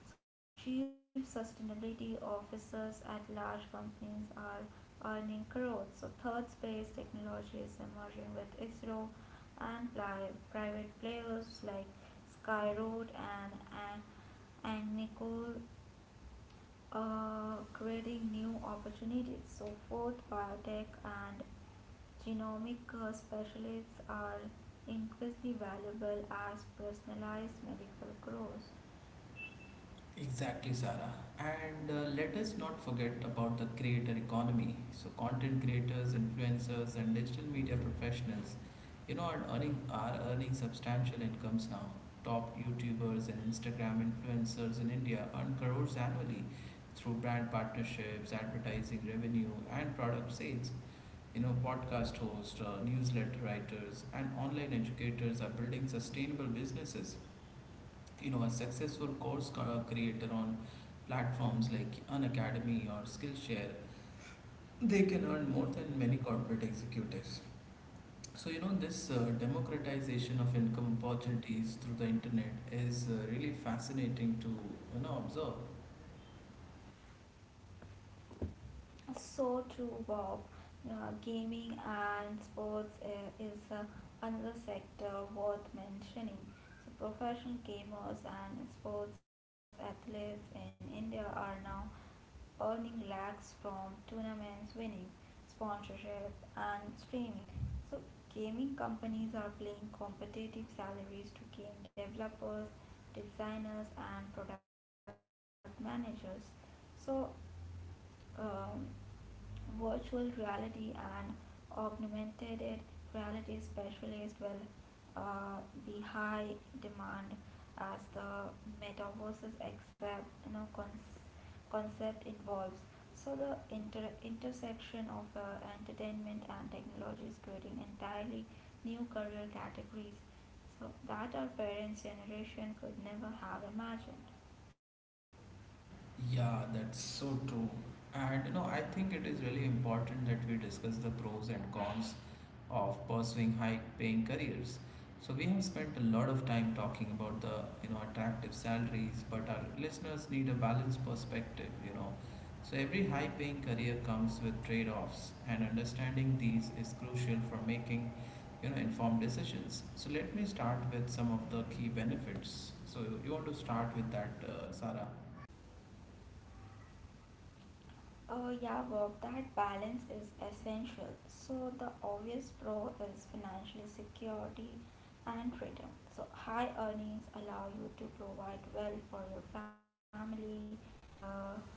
So, chief sustainability officers at large companies are earning crores. So, third space technology is emerging with ISRO and pli- private players like Skyroot and, and, and Nicole, uh, creating new opportunities. So, both biotech and genomic uh, specialists are increasingly valuable as personalized medical grows.
Exactly, Sarah. And uh, let us not forget about the creator economy. So, content creators, influencers, and digital media professionals, you know, are earning are earning substantial incomes now. Top YouTubers and Instagram influencers in India earn crores annually through brand partnerships, advertising revenue, and product sales. You know, podcast hosts, uh, newsletter writers, and online educators are building sustainable businesses. You know, a successful course co- creator on platforms like Unacademy or Skillshare, they can earn more than many corporate executives. So, you know, this uh, democratization of income opportunities through the internet is uh, really fascinating to, you know, observe.
So true, Bob. Uh, gaming and sports uh, is uh, another sector worth mentioning. So, professional gamers and sports athletes in India are now earning lakhs from tournaments, winnings, sponsorship, and streaming. So, gaming companies are paying competitive salaries to game developers, designers, and product managers. So, um, virtual reality and augmented it- reality, specialist will uh, be high demand as the metaverse's accept you know cons- concept involves. So the inter- intersection of uh, entertainment and technology is creating entirely new career categories so that our parents' generation could never have imagined.
Yeah, that's so true. And you know, I think it is really important that we discuss the pros and cons of pursuing high-paying careers. So we have spent a lot of time talking about the, you know, attractive salaries, but our listeners need a balanced perspective, you know. So every high-paying career comes with trade-offs, and understanding these is crucial for making, you know, informed decisions. So let me start with some of the key benefits. So you want to start with that, uh, Sarah?
Oh, yeah, Bob, that balance is essential. So, the obvious pro is financial security and freedom. So, high earnings allow you to provide well for your family, uh,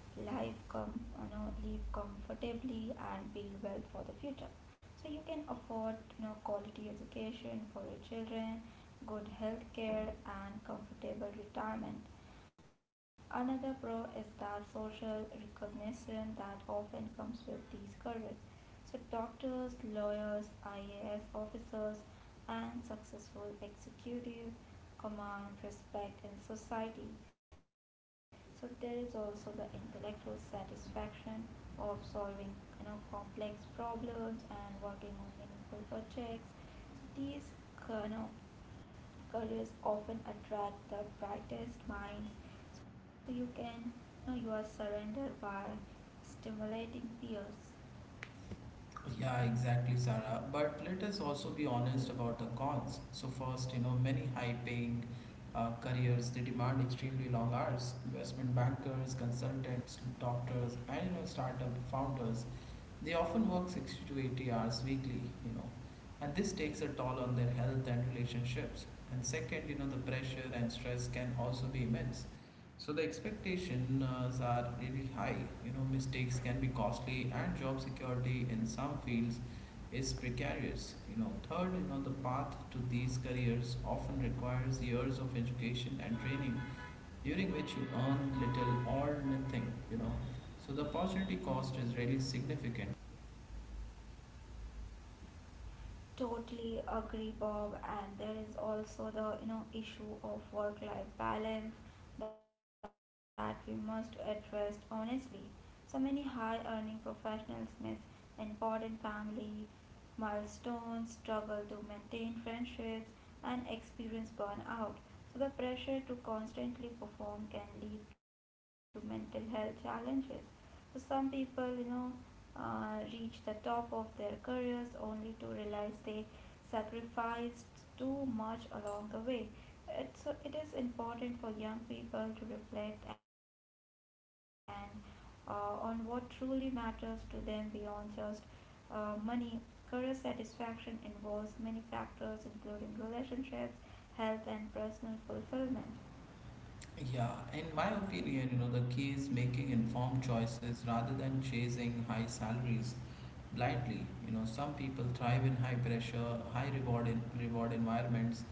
life com- you know, live comfortably, and build wealth for the future. So, you can afford you know, quality education for your children, good health care, and comfortable retirement. Another pro is the social recognition that often comes with these careers. So, doctors, lawyers, I A S officers, and successful executive command respect in society. So, there is also the intellectual satisfaction of solving you know, complex problems and working on meaningful projects. So, these you know, careers often attract the brightest minds. So you can, know, you are surrounded by stimulating peers.
Yeah, exactly, Sarah. But let us also be honest about the cons. So first, you know, many high-paying uh, careers they demand extremely long hours. Investment bankers, consultants, doctors, and you know, startup founders they often work sixty to eighty hours weekly, you know, and this takes a toll on their health and relationships. And second, you know, the pressure and stress can also be immense. So the expectations are really high. You know, mistakes can be costly, and job security in some fields is precarious. You know, third, you know, the path to these careers often requires years of education and training, during which you earn little or nothing. You know, so the opportunity cost is really significant.
Totally agree, Bob. And there is also the you know issue of work-life balance that we must address honestly. So many high-earning professionals miss important family milestones, struggle to maintain friendships, and experience burnout. So the pressure to constantly perform can lead to mental health challenges. So some people, you know, uh, reach the top of their careers only to realize they sacrificed too much along the way. It's, it is important for young people to reflect and, uh, on what truly matters to them beyond just uh, money. Career satisfaction involves many factors, including relationships, health, and personal fulfillment.
Yeah, in my opinion, you know, the key is making informed choices rather than chasing high salaries blindly. You know, some people thrive in high pressure, high reward in, reward environments.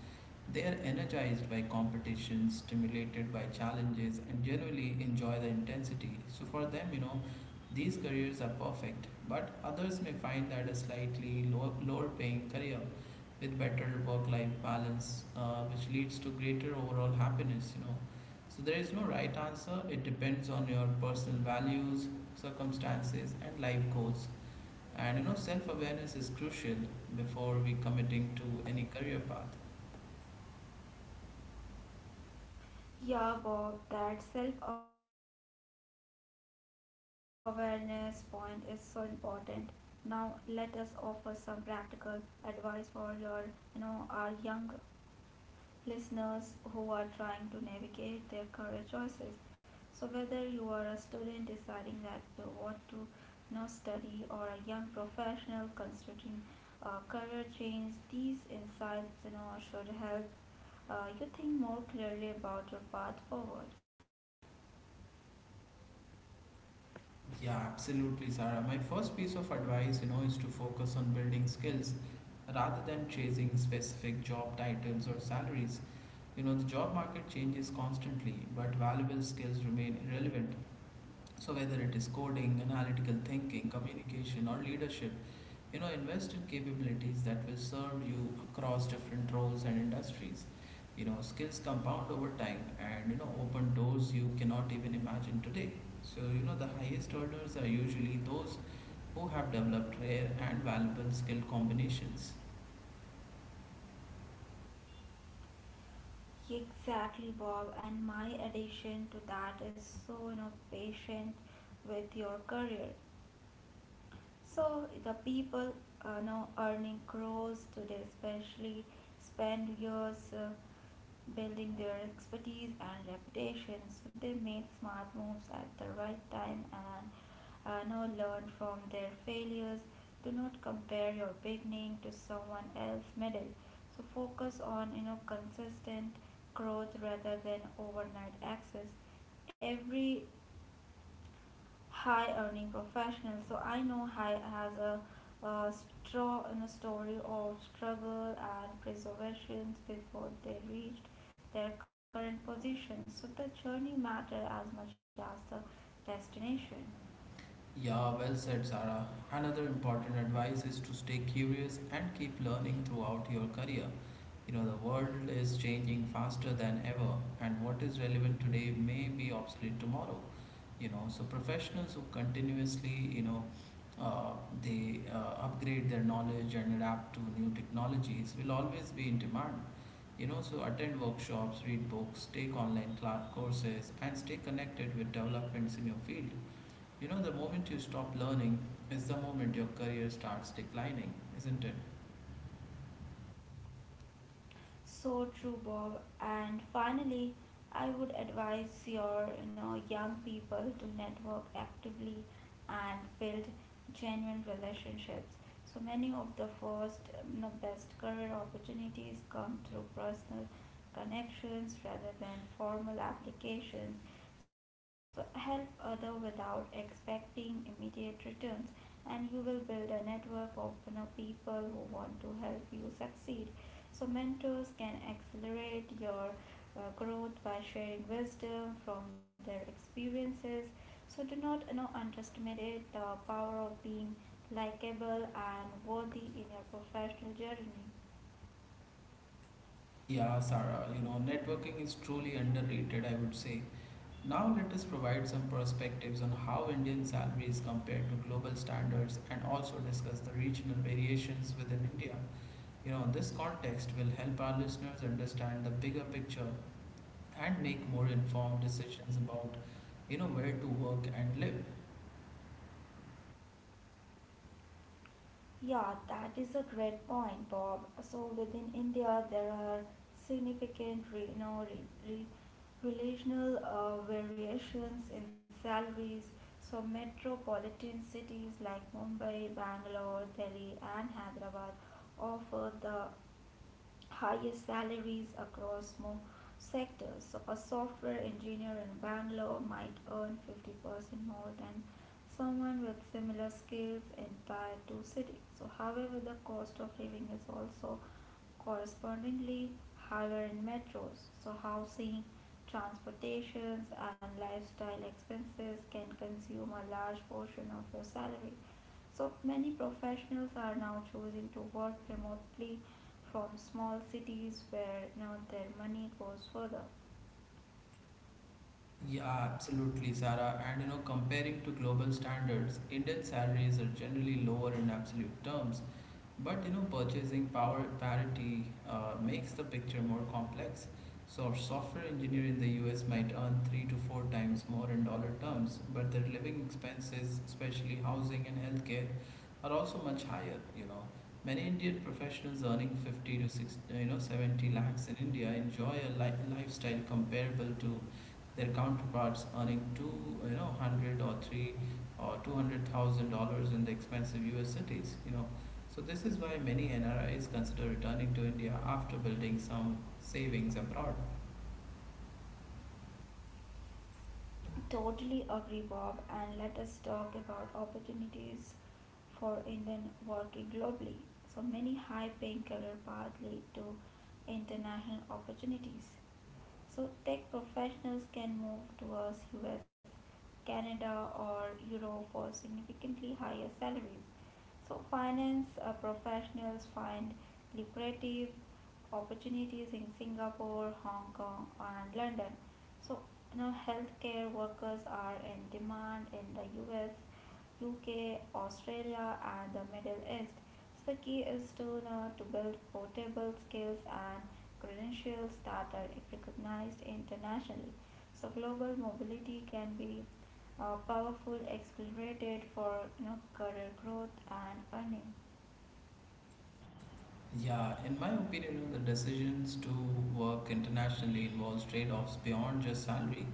They are energized by competition, stimulated by challenges, and generally enjoy the intensity. So, for them, you know, these careers are perfect, but others may find that a slightly low, lower paying career with better work life balance, uh, which leads to greater overall happiness, you know. So, there is no right answer, it depends on your personal values, circumstances, and life goals. And you know, self awareness is crucial before we committing to any career path.
Yeah, Bob, that self awareness point is so important. Now, let us offer some practical advice for your, you know, our young listeners who are trying to navigate their career choices. So, whether you are a student deciding that uh, what to, you know, study, or a young professional considering a career change, these insights, you know, should help uh, you think more clearly about your path forward.
Yeah, absolutely, Sarah. My first piece of advice, you know, is to focus on building skills rather than chasing specific job titles or salaries. You know, the job market changes constantly, but valuable skills remain relevant. So, whether it is coding, analytical thinking, communication, or leadership, you know, invest in capabilities that will serve you across different roles and industries. You know, skills compound over time and, you know, open doors you cannot even imagine today. So, you know, the highest earners are usually those who have developed rare and valuable skill combinations.
Exactly, Bob. And my addition to that is so, you know, patient with your career. So the people uh, now earning crores today, especially spend years uh, building their expertise and reputation. So they made smart moves at the right time and uh, now learn from their failures. Do not compare your beginning to someone else's middle. So focus on you know consistent growth rather than overnight access. Every high earning professional so I know high has a, a straw in a story of struggle and preservations before they reached their current position, so the journey matter as much as the destination.
Yeah, well said, Sarah. Another important advice is to stay curious and keep learning throughout your career. You know, the world is changing faster than ever, and what is relevant today may be obsolete tomorrow. You know, so professionals who continuously, you know, uh, they uh, upgrade their knowledge and adapt to new technologies will always be in demand. You know, so attend workshops, read books, take online cla courses, and stay connected with developments in your field you know, The moment you stop learning is the moment your career starts declining, isn't it?
So true, Bob. And finally, I would advise your you know young people to network actively and build genuine relationships. So many of the first um, you know, best career opportunities come through personal connections rather than formal applications. So help other without expecting immediate returns, and you will build a network of you know, people who want to help you succeed. So, mentors can accelerate your uh, growth by sharing wisdom from their experiences. So, do not you know, underestimate the power of being likable and worthy in your professional journey.
Yeah, Sarah, you know, networking is truly underrated, I would say. Now, let us provide some perspectives on how Indian salaries compare to global standards and also discuss the regional variations within India. You know, this context will help our listeners understand the bigger picture and make more informed decisions about, you know, where to work and live.
Yeah, that is a great point, Bob. So within India, there are significant re- you know, re- re- relational uh, variations in salaries. So metropolitan cities like Mumbai, Bangalore, Delhi, and Hyderabad offer the higher salaries across more sectors. So a software engineer in Bangalore might earn fifty percent more than someone with similar skills in tier two cities. So however, the cost of living is also correspondingly higher in metros. So, housing, transportations, and lifestyle expenses can consume a large portion of your salary. So, many professionals are now choosing to work remotely from small cities where, you know, their money goes further.
Yeah, absolutely, Sarah. And you know, comparing to global standards, Indian salaries are generally lower in absolute terms. But you know, purchasing power parity uh, makes the picture more complex. So, a software engineer in the U S might earn three to four times more in dollar terms, but their living expenses, especially housing and healthcare, are also much higher. You know, many Indian professionals earning fifty to six, you know, seventy lakhs in India enjoy a li- lifestyle comparable to their counterparts earning two, you know, hundred or three or two hundred thousand dollars in the expensive U S cities. You know, so this is why many N R Is consider returning to India after building some savings abroad.
Totally agree, Bob, and let us talk about opportunities for Indian working globally. So many high paying career paths lead to international opportunities. So tech professionals can move towards U S, Canada, or Europe for significantly higher salaries. So finance uh, professionals find lucrative opportunities in Singapore, Hong Kong, and London. So, you know, healthcare workers are in demand in the U S, U K, Australia, and the Middle East. So the key is to uh, to build portable skills and credentials that are recognized internationally. So global mobility can be a powerful accelerator for you know career growth and earning.
Yeah, in my opinion, you know, the decisions to work internationally involves trade-offs beyond just salary.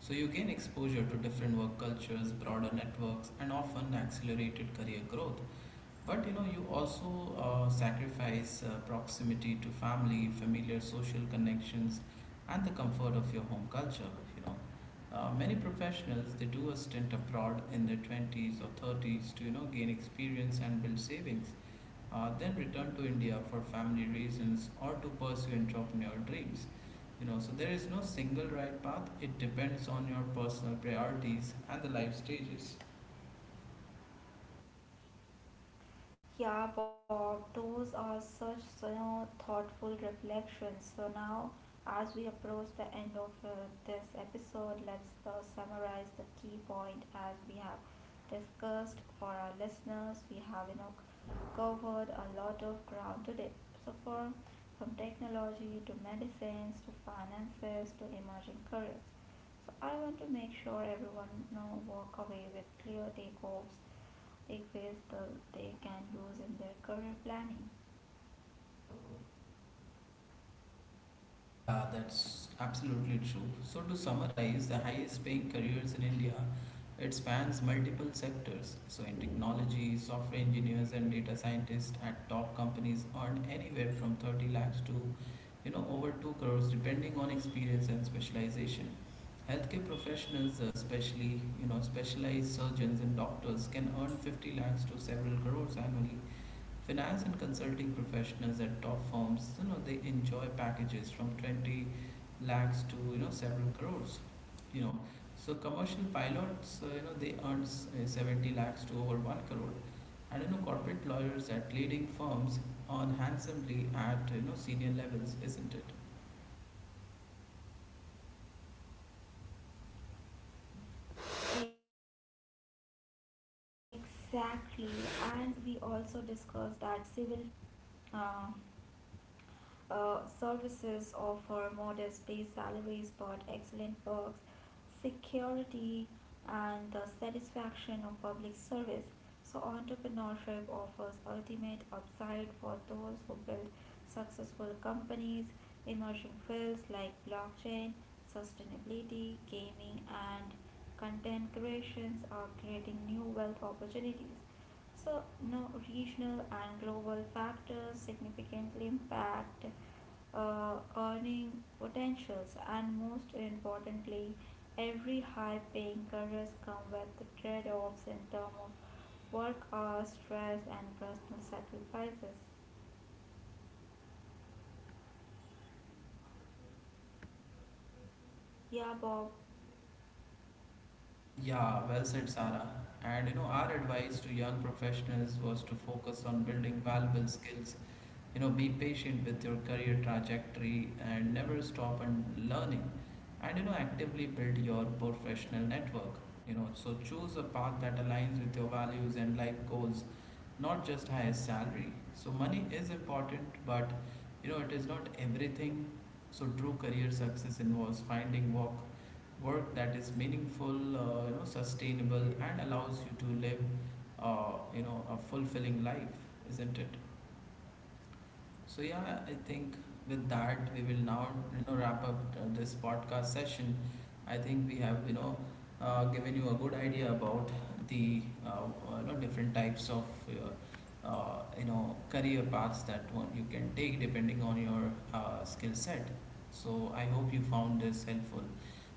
So you gain exposure to different work cultures, broader networks, and often accelerated career growth. But you know, you also uh, sacrifice uh, proximity to family, familiar social connections, and the comfort of your home culture. You know, uh, many professionals they do a stint abroad in their twenties or thirties to you know gain experience and build savings, uh, then return to India for family reasons or to pursue entrepreneurial dreams. You know, so there is no single right path. It depends on your personal priorities and the life stages.
Yeah, Bob, those are such, you know, thoughtful reflections. So now, as we approach the end of uh, this episode, let's uh, summarize the key point as we have discussed for our listeners. We have, you know covered a lot of ground today. So for from technology to medicines to finances to emerging careers. So I want to make sure everyone, you know walk away with clear takeoffs they face the they can lose in their career planning.
Yeah, that's absolutely true. So, to summarize, the highest paying careers in India, it spans multiple sectors. So, in technology, software engineers and data scientists at top companies earn anywhere from thirty lakhs to, you know, over two crores depending on experience and specialization. Healthcare professionals, uh, especially, you know, specialized surgeons and doctors can earn fifty lakhs to several crores annually. Finance and consulting professionals at top firms you know they enjoy packages from twenty lakhs to you know several crores you know so commercial pilots uh, you know they earn s- uh, seventy lakhs to over one crore, and you know corporate lawyers at leading firms earn handsomely at you know senior levels, isn't it?
Exactly, and we also discussed that civil uh, uh, services offer modest base salaries but excellent perks, security, and the satisfaction of public service. So, entrepreneurship offers ultimate upside for those who build successful companies. Emerging fields like blockchain, sustainability, gaming, and content creations are creating new wealth opportunities. So, no regional and global factors significantly impact uh, earning potentials, and most importantly, every high paying careers come with trade offs in terms of work hours, stress, and personal sacrifices. Yeah, Bob.
Yeah, well said, Sarah. And you know our advice to young professionals was to focus on building valuable skills you know be patient with your career trajectory and never stop and learning, and you know actively build your professional network you know So choose a path that aligns with your values and life goals, not just highest salary. So money is important, but you know it is not everything. So true career success involves finding work work that is meaningful, uh, you know sustainable, and allows you to live uh, you know a fulfilling life, isn't it? So yeah, I think with that we will now you know wrap up uh, this podcast session. I think we have you know uh, given you a good idea about the uh, uh, you know different types of uh, uh, you know career paths that one you can take depending on your uh, skill set. So I hope you found this helpful,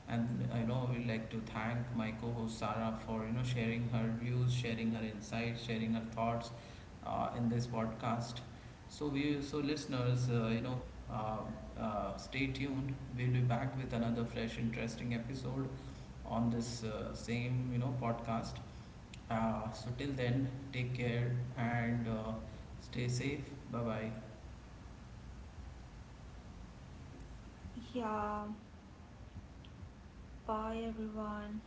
and I know we'd like to thank my co-host Sarah for you know sharing her views, sharing her insights, sharing her thoughts uh, in this podcast. So we so listeners, uh, you know, uh, uh, stay tuned. We'll be back with another fresh, interesting episode on this uh, same you know podcast. Uh, so till then, take care and uh, stay safe. Bye bye.
Yeah. Bye, everyone.